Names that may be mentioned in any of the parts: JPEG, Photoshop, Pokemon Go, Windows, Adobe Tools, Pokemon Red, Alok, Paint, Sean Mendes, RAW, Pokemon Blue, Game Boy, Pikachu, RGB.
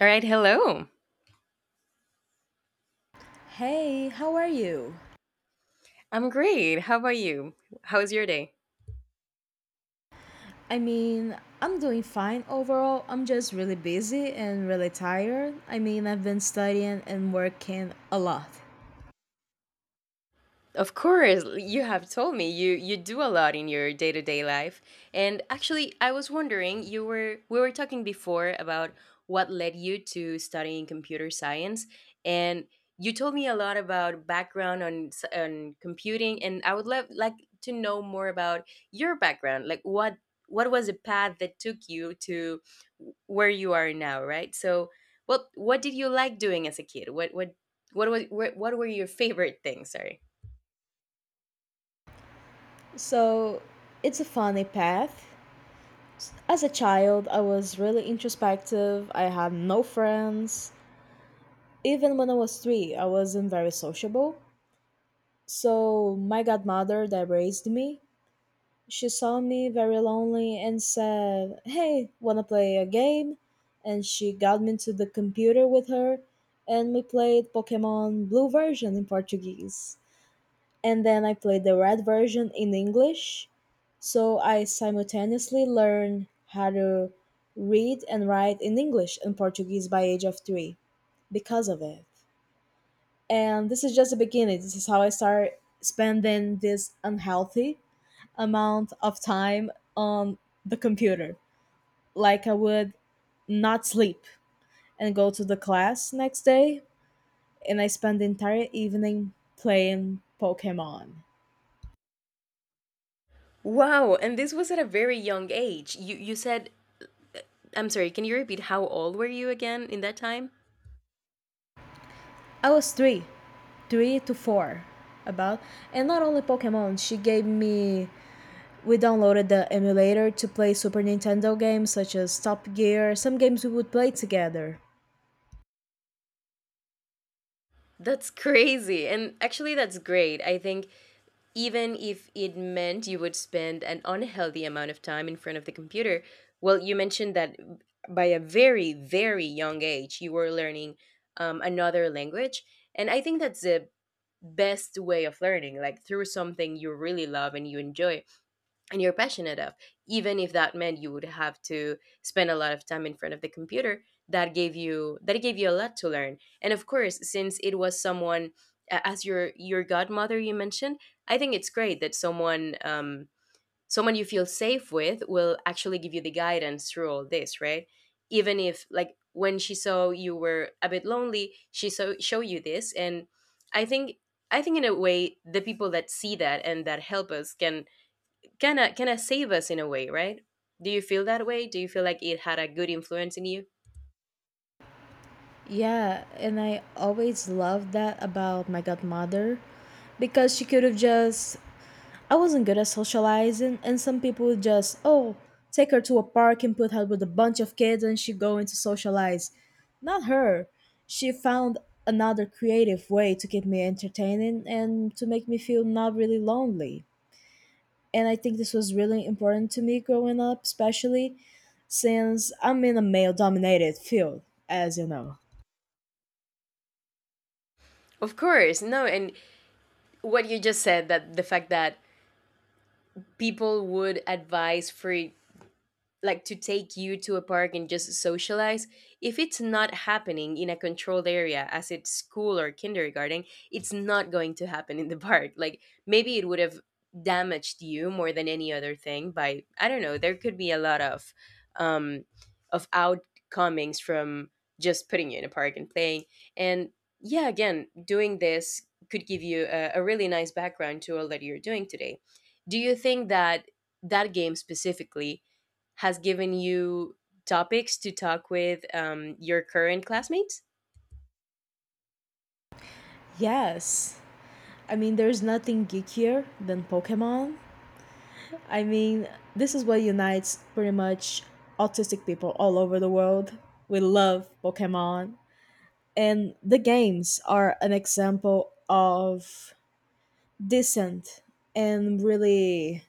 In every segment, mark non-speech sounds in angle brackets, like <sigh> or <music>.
All right, hello. Hey, how are you? I'm great. How about you? How was your day? I mean, I'm doing fine overall. I'm just really busy and really tired. I mean, I've been studying and working a lot. Of course, you have told me you do a lot in your day-to-day life. And actually, I was wondering, you were we were talking before about what led you to studying computer science, and you told me a lot about background on on computing, and I would love like to know more about your background. Like what was the path that took you to where you are now, right? So, what did you like doing as a kid? What were your favorite things? Sorry. So, it's a funny path. As a child, I was really introspective. I had no friends. Even when I was three, I wasn't very sociable. So, my godmother that raised me, she saw me very lonely and said, "Hey, wanna play a game?" And she got me to the computer with her, and we played Pokemon Blue version in Portuguese. And then I played the red version in English. So I simultaneously learned how to read and write in English and Portuguese by age of three because of it. And this is just the beginning, this is how I start spending this unhealthy amount of time on the computer. Like I would not sleep and go to the class next day, and I spend the entire evening playing Pokemon. Wow, and this was at a very young age. You said, I'm sorry, can you repeat how old were you again in that time? I was three, three to four, about. And not only Pokemon, she gave me, we downloaded the emulator to play Super Nintendo games such as Top Gear. Some games we would play together. That's crazy. And actually that's great. I think even if it meant you would spend an unhealthy amount of time in front of the computer, well, you mentioned that by a very very young age you were learning, another language, and I think that's the best way of learning, like through something you really love and you enjoy. And you're passionate of, even if that meant you would have to spend a lot of time in front of the computer, that gave you a lot to learn. And of course, since it was someone, as your godmother you mentioned, I think it's great that someone, someone you feel safe with, will actually give you the guidance through all this, right? Even if, like, when she saw you were a bit lonely, she saw show you this. And i think I think in a way, the people that see that and that help us can kind of save us in a way, right? Do you feel that way? Do you feel like it had a good influence in you? Yeah, and I always loved that about my godmother, because she could have just, I wasn't good at socializing, and some people would just, oh, take her to a park and put her with a bunch of kids and she would going to socialize. Not her. She found another creative way to keep me entertaining and to make me feel not really lonely. And I think this was really important to me growing up, especially since I'm in a male dominated field, as you know. Of course, no. And what you just said, that the fact that people would advise for, like, to take you to a park and just socialize, if it's not happening in a controlled area as it's school or kindergarten, it's not going to happen in the park. <laughs> Like maybe it would have damaged you more than any other thing. By, I don't know, there could be a lot um of outcomings from just putting you in a park and playing. And yeah, again, doing this could give you a really nice background to all that you're doing today. Do you think that that game specifically has given you topics to talk with, your current classmates? Yes. I mean, there's nothing geekier than Pokemon. I mean, this is what unites pretty much autistic people all over the world. We love Pokemon. And the games are an example of decent and really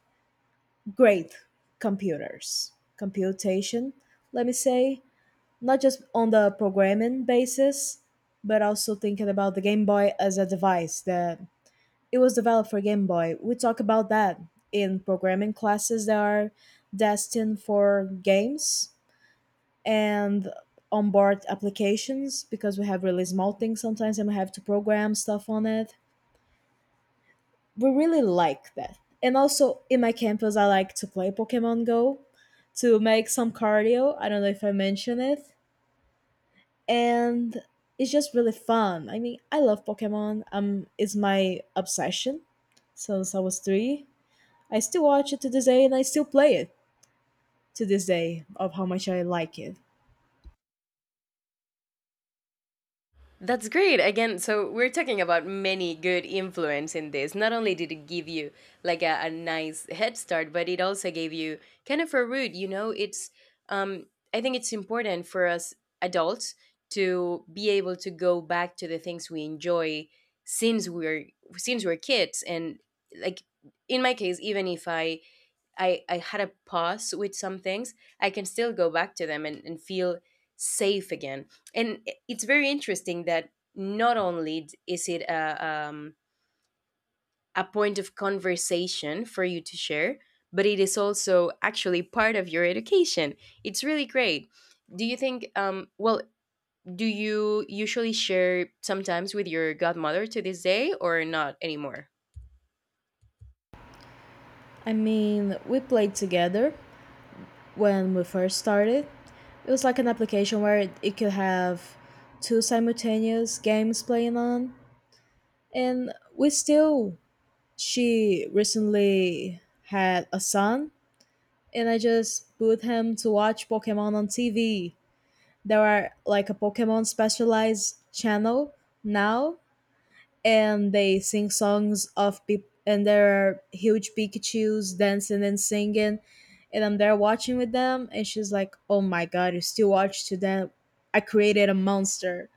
great computers, computation, let me say, not just on the programming basis, but also thinking about the Game Boy as a device that, it was developed for Game Boy. We talk about that in programming classes that are destined for games and onboard applications, because we have really small things sometimes and we have to program stuff on it. We really like that. And also in my campus, I like to play Pokemon Go to make some cardio. I don't know if I mentioned it. And it's just really fun. I mean, I love Pokemon. It's my obsession since I was three. I still watch it to this day and I still play it to this day of how much I like it. That's great. Again, so we're talking about many good influence in this. Not only did it give you, like, a nice head start, but it also gave you kind of a route. You know, it's, um, I think it's important for us adults to be able to go back to the things we enjoy since we're since we're kids. And, like, in my case, even if I had a pause with some things, I can still go back to them, and feel safe again. And it's very interesting that not only is it a point of conversation for you to share, but it is also actually part of your education. It's really great. Do you think, well, do you usually share sometimes with your godmother to this day, or not anymore? I mean, we played together when we first started. It was like an application where it could have two simultaneous games playing on. And we still, she recently had a son, and I just put him to watch Pokemon on TV. There are like a Pokemon specialized channel now, and they sing songs of people and there are huge Pikachu's dancing and singing, and I'm there watching with them, and she's like, "Oh my god, you still watch to that. I created a monster."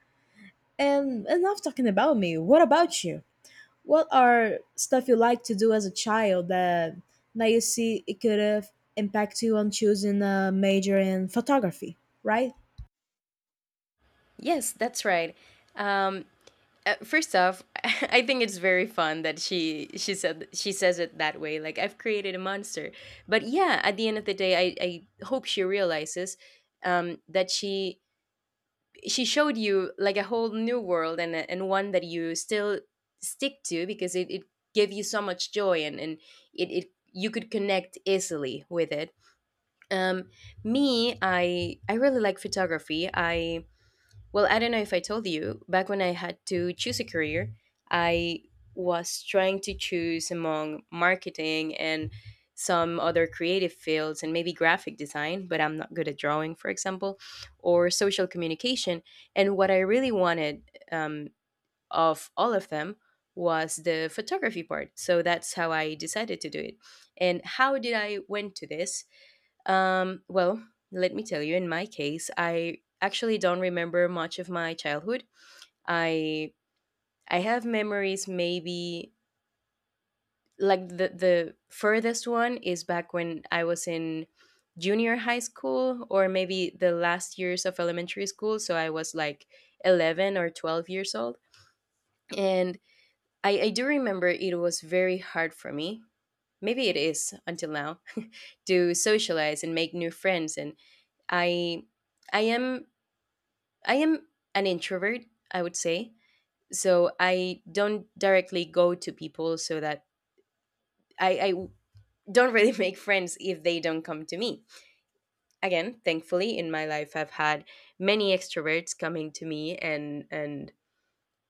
And enough talking about me. What about you? What are stuff you like to do as a child that now you see it could have impacted you on choosing a major in photography, right? Yes, that's right. Um, First off, <laughs> I think it's very fun that she says it that way. Like, I've created a monster. But yeah, at the end of the day, I hope she realizes, that she showed you, like, a whole new world, and and one that you still stick to, because it gave you so much joy, and it you could connect easily with it. Um, Me, I really like photography. I well, I don't know if I told you, back when I had to choose a career, I was trying to choose among marketing and some other creative fields, and maybe graphic design, but I'm not good at drawing, for example, or social communication. And what I really wanted, um, of all of them, was the photography part. So that's how I decided to do it. And how did I went to this? Well, let me tell you, in my case, I actually don't remember much of my childhood. I I have memories, maybe like the furthest one is back when I was in junior high school, or maybe the last years of elementary school, so I was like 11 or 12 years old. And I do remember it was very hard for me. Maybe it is until now <laughs> to socialize and make new friends. And I I am I am an introvert, I would say. So I don't directly go to people, so that I don't really <laughs> make friends if they don't come to me. Again, thankfully, in my life I've had many extroverts coming to me, and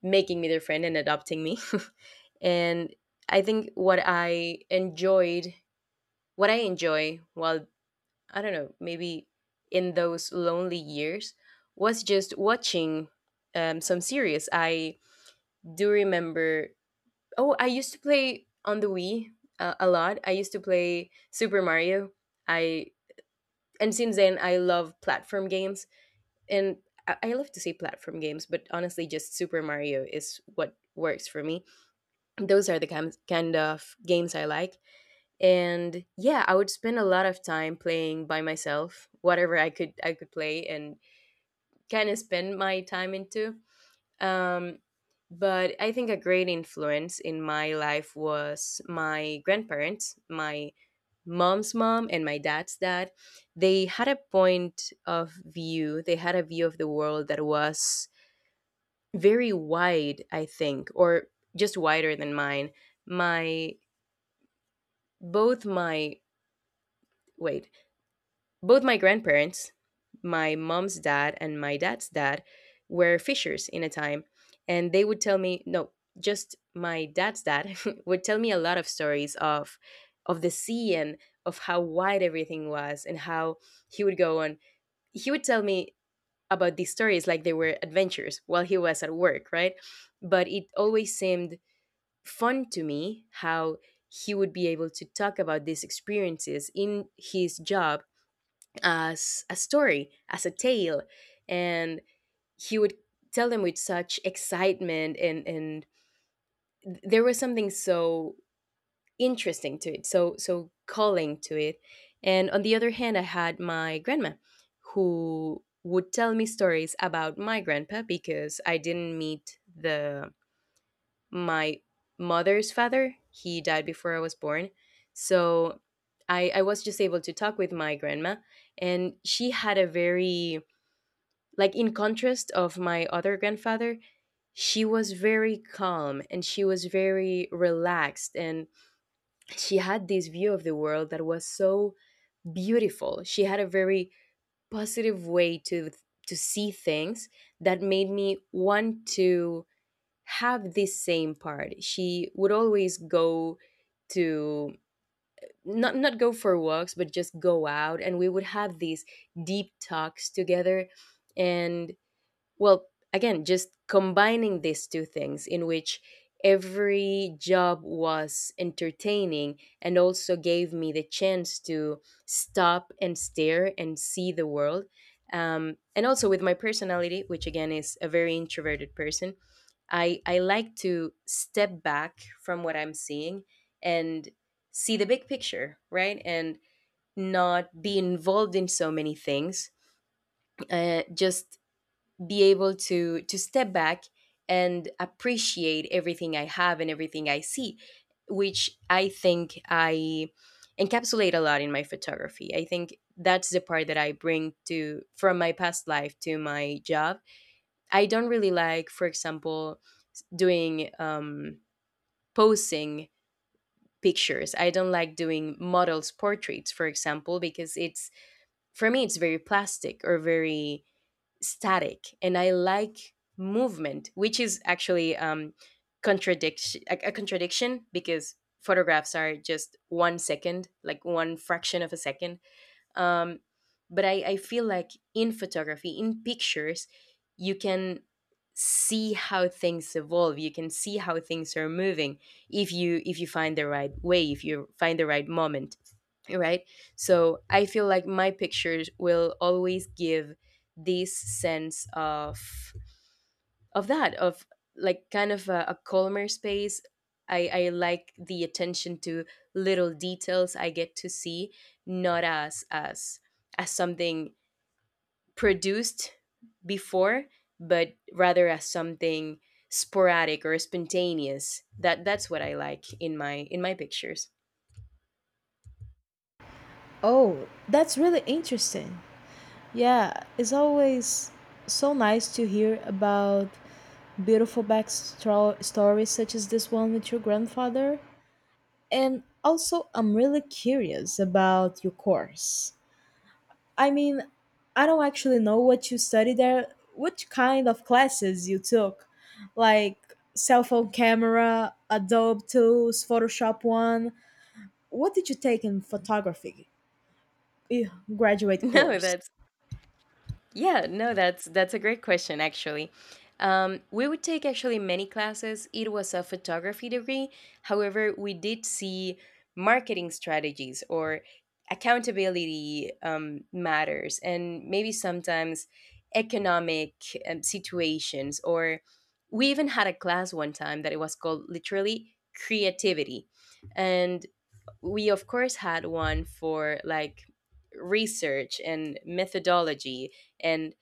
making me their friend and adopting me. <laughs> And I think what I enjoy, while, I don't know, maybe in those lonely years, was just watching, some series. I do remember. Oh, I used to play on the Wii, a lot. I used to play Super Mario. I and since then, I love platform games, and I love to say platform games, but honestly, just Super Mario is what works for me. Those are the kind of games I like, and yeah, I would spend a lot of time playing by myself, whatever I could play and kind of spend my time into. Um, but I think a great influence in my life was my grandparents, my mom's mom and my dad's dad. They had a view of the world that was very wide, I think, or just wider than mine. My both my wait, Both my grandparents, my mom's dad and my dad's dad, were fishers in a time. And they would tell me, no, just my dad's dad <laughs> would tell me a lot of stories of the sea, and of how wide everything was, and how he would go on. He would tell me about these stories like they were adventures while he was at work, right? But it always seemed fun to me how he would be able to talk about these experiences in his job as a story, as a tale. And he would tell them with such excitement, and there was something so interesting to it, so calling to it. And on the other hand, I had my grandma, who would tell me stories about my grandpa because I didn't meet the my mother's father. He died before I was born. So I was just able to talk with my grandma, and she had a very like, in contrast of my other grandfather, she was very calm and she was very relaxed. And she had this view of the world that was so beautiful. She had a very positive way to see things that made me want to have this same part. She would always go to not not go for walks, but just go out, and we would have these deep talks together. And well, again, just combining these two things in which every job was entertaining and also gave me the chance to stop and stare and see the world. And also, with my personality, which again is a very introverted person, I like to step back from what I'm seeing and see the big picture, right? And not be involved in so many things. Just be able to step back and appreciate everything I have and everything I see, which I think I encapsulate a lot in my photography. I think that's the part that I bring to from my past life to my job. I don't really like, for example, doing, posing pictures. I don't like doing models portraits, for example, because it's for me, it's very plastic or very static. And I like movement, which is actually, a contradiction, because photographs are just 1 second, like one fraction of a second. Um, but I feel like in photography, in pictures, you can see how things evolve, you can see how things are moving, if you find the right way, if you find the right moment, right? So I feel like my pictures will always give this sense of like kind of a calmer space. I like the attention to little details I get to see, not as as something produced before, but rather as something sporadic or spontaneous. That that's what I like in my pictures. Oh, that's really interesting. Yeah, it's always so nice to hear about beautiful stories such as this one with your grandfather. And also, I'm really curious about your course. I mean, I don't actually know what you study there, which kind of classes you took, like cell phone camera, Adobe Tools, Photoshop One. What did you take in photography? eh, <laughs> Graduate No, course. that's Yeah, no, that's a great question actually. We would take actually many classes. It was a photography degree. However, we did see marketing strategies or accountability matters, and maybe sometimes economic situations. Or we even had a class one time that it was called literally creativity, and we of course had one for like research and methodology and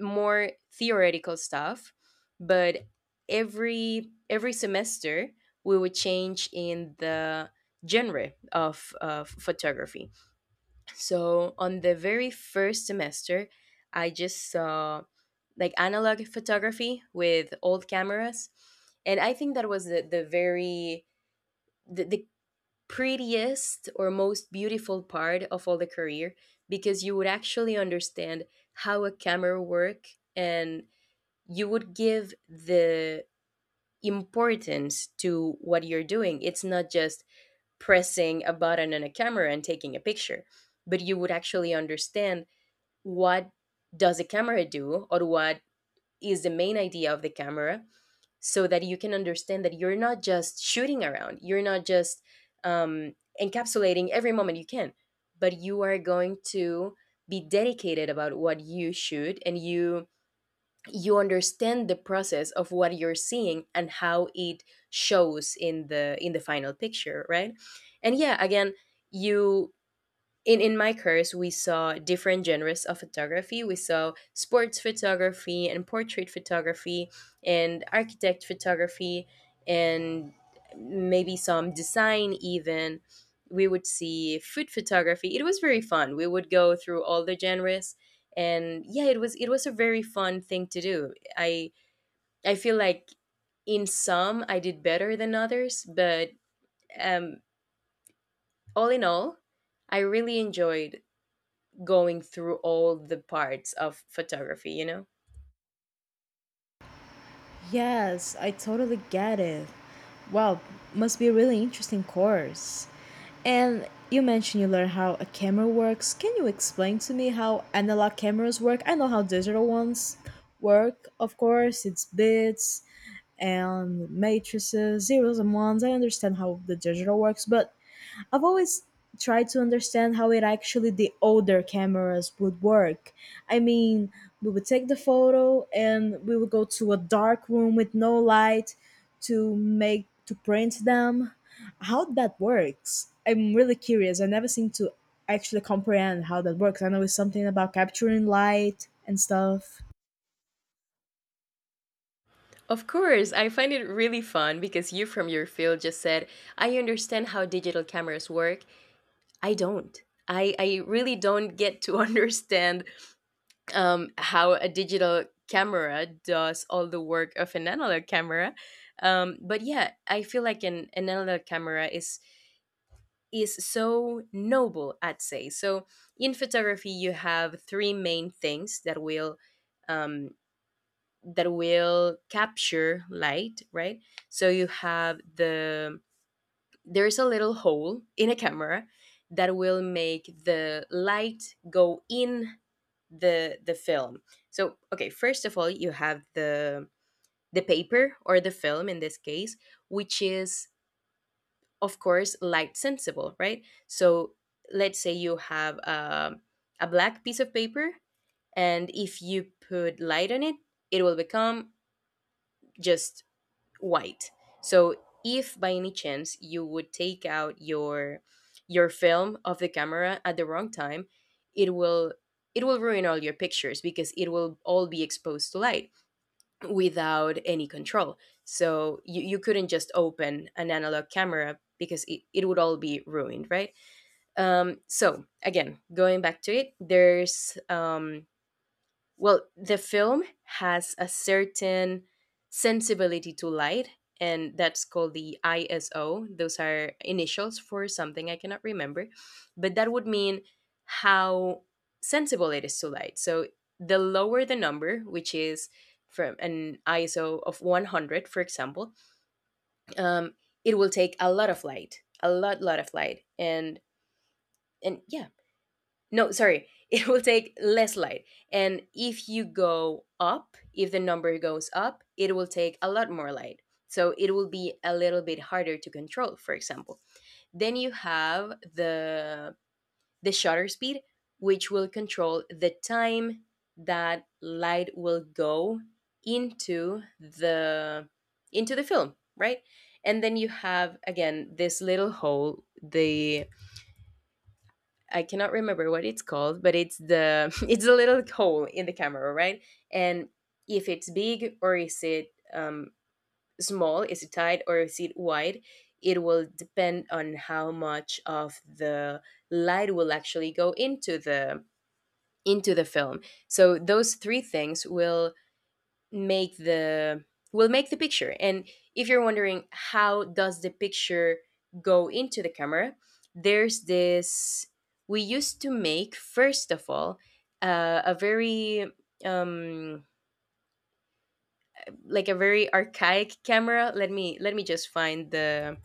more theoretical stuff but every semester we would change in the genre of photography. So on the very first semester I just saw like analog photography with old cameras, and I think that was the very the prettiest or most beautiful part of all the career, because you would actually understand how a camera work, and you would give the importance to what you're doing. It's not just pressing a button on a camera and taking a picture, but you would actually understand what does a camera do or what is the main idea of the camera, so that you can understand that you're not just shooting around, you're not just um, encapsulating every moment you can, but you are going to be dedicated about what you shoot, and you understand the process of what you're seeing and how it shows in the final picture, right? And yeah, again, you in my course we saw different genres of photography. We saw sports photography and portrait photography and architect photography and maybe some design even. We would see food photography, it was very fun. We would go through all the genres, and yeah, it was a very fun thing to do. I feel like in some I did better than others, but um all in all I really enjoyed going through all the parts of photography, you know? Yes, I totally get it. Wow, must be a really interesting course. And you mentioned you learned how a camera works. Can you explain to me how analog cameras work? I know how digital ones work, of course. It's bits and matrices, zeros and ones. I understand how the digital works, but I've always tried to understand how it actually the older cameras would work. I mean, we would take the photo and we would go to a dark room with no light to make to print them. How that works? I'm really curious. I never seem to actually comprehend how that works. I know it's something about capturing light and stuff, Of course, I find it really fun because you from your field just said, I understand how digital cameras work. I don't. I really don't get to <laughs> understand how a digital camera does all the work of an analog camera. But yeah, I feel like an analog camera is so noble, I'd say. So in photography, you have three main things um, that will capture light, right? So you have the there's a little hole in a camera that will make the light go in the film. So okay, first of all, you have the paper or the film in this case, which is of course light sensible, right? So let's say you have a black piece of paper, and if you put light on it, it will become just white. So if by any chance you would take out your film of the camera at the wrong time, it will it will ruin all your pictures because it will all be exposed to light without any control. So you couldn't just open an analog camera because it would all be ruined, right? So again, going back to it, there's well, the film has a certain sensibility to light, and that's called the ISO. Those are initials for something I cannot remember, but that would mean how sensible it is to light. So the lower the number, which is from an ISO of 100, for example, um, it will take a lot of light, a lot, lot of light, and yeah, no, sorry. <laughs> It will take less light. And if you go up, if the number goes up, it will take a lot more light. So it will be a little bit harder to control, for example. Then you have the shutter speed, which will control the time that light will go into the into the film, right? And then you have again this little hole, the I cannot remember what it's called, but it's the <laughs> it's a little hole in the camera, right? And if it's big or is it small, is it tight or is it wide? It will depend on how much of the light will actually go into the film. So those three things make the will make the picture. And if you're wondering how does the picture go into the camera, there's this we used to make first of all a very um like a very archaic camera. Let me just find the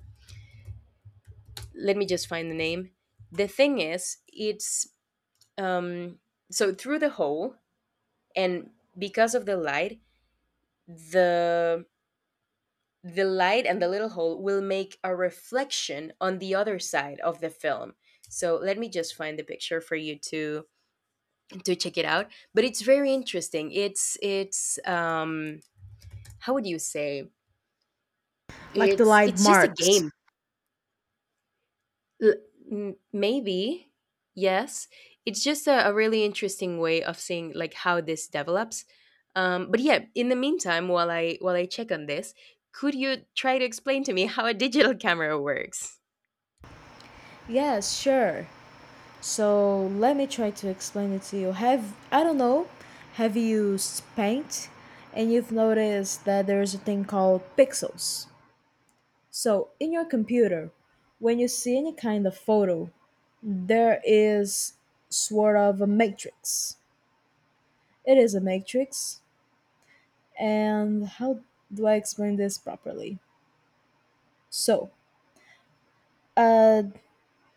let me just find the name. The thing is it's um so through the hole, and because of the light, the the light and the little hole will make a reflection on the other side of the film. So let me just find the picture for you to check it out. But it's very interesting, it's how would you say, like the light it's just a marks. game. L- maybe. Yes, it's just a really interesting way of seeing like how this develops. But yeah, in the meantime while I check on this, could you try to explain to me how a digital <laughs> camera works? Yes, sure. So let me try to explain it to you. Have, I don't know, have you used paint and you've noticed that there's a thing called pixels. So, in your computer, when you see any kind of photo, there is sort of a matrix. It is a matrix, and how do I explain this properly? So, uh,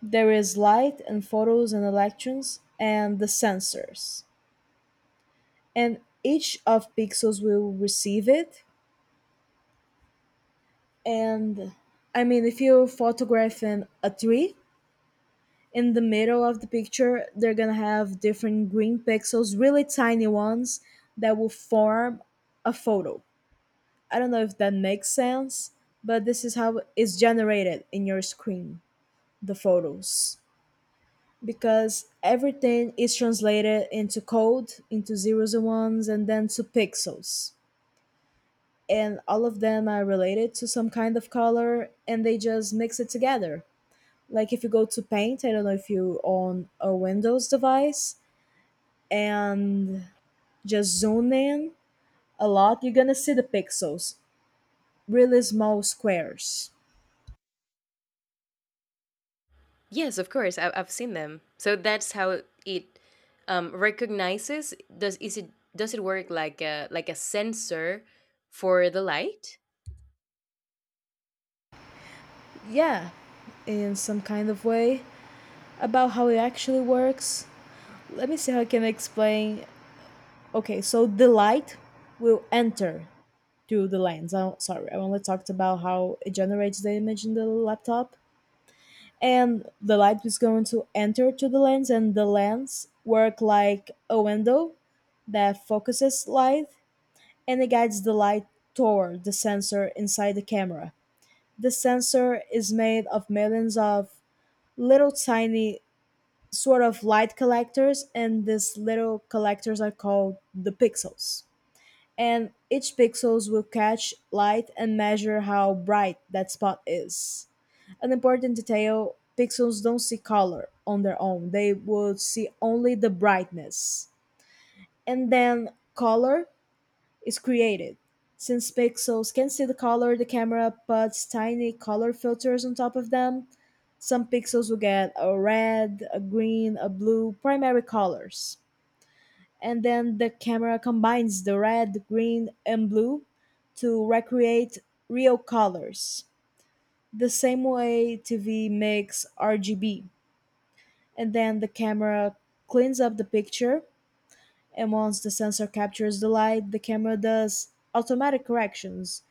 there is light and photos and electrons and the sensors, and each of pixels will receive it. And I mean, if you photograph in a tree, in the middle of the picture, they're gonna have different green pixels, really tiny ones, that will form a photo. I don't know if that makes sense, but this is how it's generated in your screen, the photos. Because everything is translated into code, into zeros and ones, and then to pixels. And all of them are related to some kind of color, and they just mix it together. Like if you go to Paint, I don't know if you own a Windows device, and just zoom in a lot, you're gonna see the pixels, really small squares. Yes, of course. I've seen them. So that's how it recognizes. Does is it does it work like a sensor for the light? Yeah, in some kind of way about how it actually works. Let me see how I can explain. Okay, so the light will enter through the lens. I'm sorry, I only talked about how it generates the image in the laptop. And the light is going to enter to the lens, and the lens work like a window that focuses light and it guides the light toward the sensor inside the camera. The sensor is made of millions of little tiny sort of light collectors, and these little collectors are called the pixels. And each pixels will catch light and measure how bright that spot is. An important detail, pixels don't see color on their own. They would see only the brightness. And then color is created. Since pixels can see the color, the camera puts tiny color filters on top of them. Some pixels will get a red, a green, a blue primary colors. And then the camera combines the red, green, and blue to recreate real colors. The same way TV makes RGB. And then the camera cleans up the picture, and once the sensor captures the light, the camera does automatic corrections,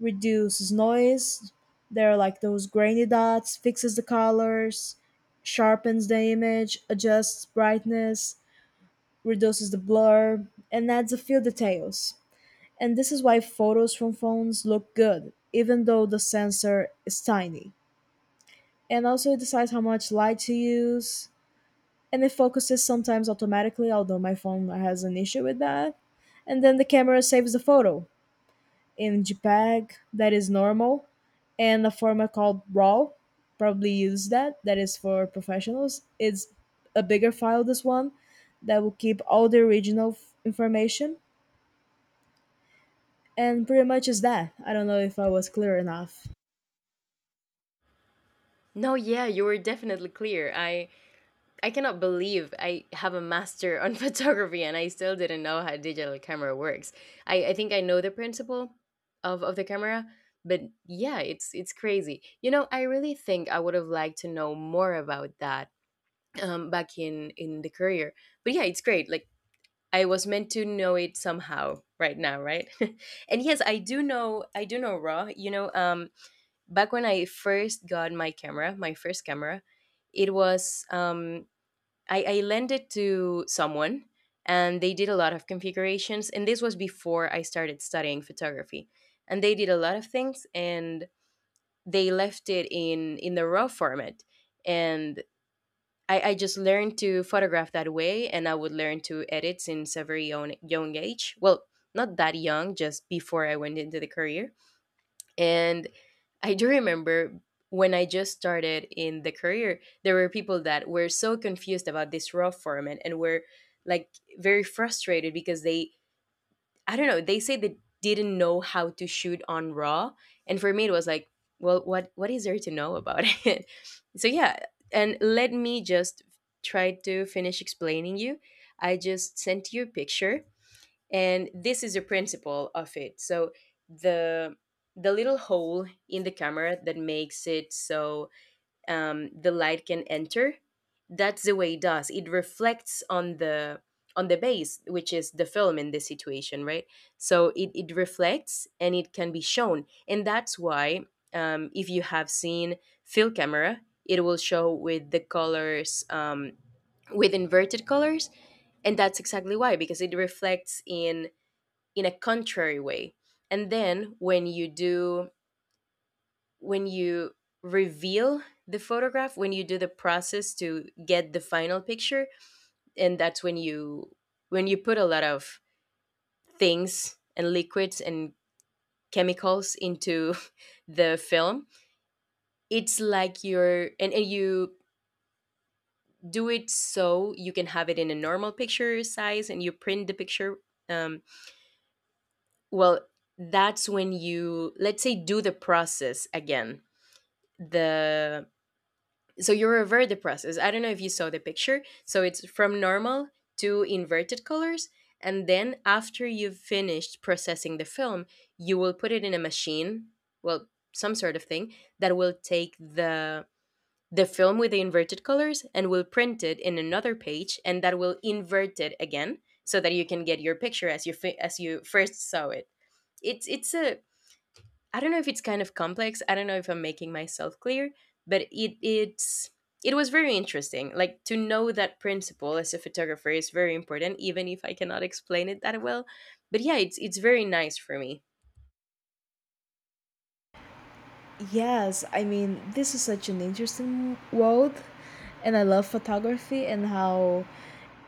reduces noise. They're like those grainy dots, fixes the colors, sharpens the image, adjusts brightness, reduces the blur, and adds a few details. And this is why photos from phones look good, even though the sensor is tiny. And also, it decides how much light to use, and it focuses sometimes automatically, although my phone has an issue with that. And then the camera saves the photo, in JPEG that is normal, and a format called RAW. Probably use that. That is for professionals. It's a bigger file. This one that will keep all the original information, and pretty much is that. I don't know if I was clear enough. No, yeah, you were definitely clear. I cannot believe I have a master on <laughs> photography and I still didn't know how digital camera works. I think I know the principle of the camera, but yeah, it's crazy. You know, I really think I would have liked to know more about that back in the career. But yeah, it's great. Like I was meant to know it somehow right now, right? <laughs> And yes, I do know raw. Back when I first got my camera, my first camera, it was I lent it to someone and they did a lot of configurations, and this was before I started studying photography. And they did a lot of things and they left it in the raw format. And I just learned to photograph that way, and I would learn to edit since a very young, young age. Well, not that young, just before I went into the career. And I do remember when I just started in the career, there were people that were so confused about this raw format and were like very frustrated because they I don't know. They say they didn't know how to shoot on Raw, and for me it was like, well, what is there to know about <laughs> it? So yeah, and let me just try to finish explaining you. I just sent you a picture, and this is the principle of it. So the the little hole in the camera that makes it so the light can enter, that's the way it does it. Reflects on the base, which is the film in this situation, right? So it reflects and it can be shown, and that's why if you have seen field camera, it will show with the colors with inverted colors. And that's exactly why, because it reflects in a contrary way. And then when you do when you reveal the photograph, when you do the process to get the final picture, and that's when you put a lot of things and liquids and chemicals into <laughs> the film, it's like you're and you do it so you can have it in a normal picture size and you print the picture. um, well, that's when you let's say do the process again. The so you revert the process. I don't know if you saw the picture. So it's from normal to inverted colors. And then after you've finished processing the film, you will put it in a machine, well, some sort of thing, that will take the film with the inverted colors and will print it in another page, and that will invert it again so that you can get your picture as you as you first saw it. It's a I don't know if it's kind of complex. I don't know if I'm making myself clear, but it it's it was very interesting. Like to know that principle as a photographer is very important, even if I cannot explain it that well. But yeah, it's very nice for me. Yes, I mean this is such an interesting world, and I love photography and how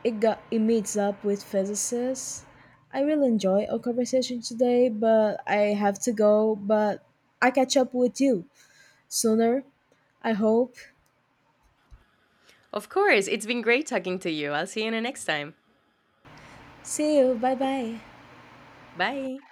it got it meets up with physicists. I really enjoy our conversation today, but I have to go. But I catch up with you sooner. I hope. Of course, it's been great talking to you. I'll see you in the next time. See you. Bye bye. Bye.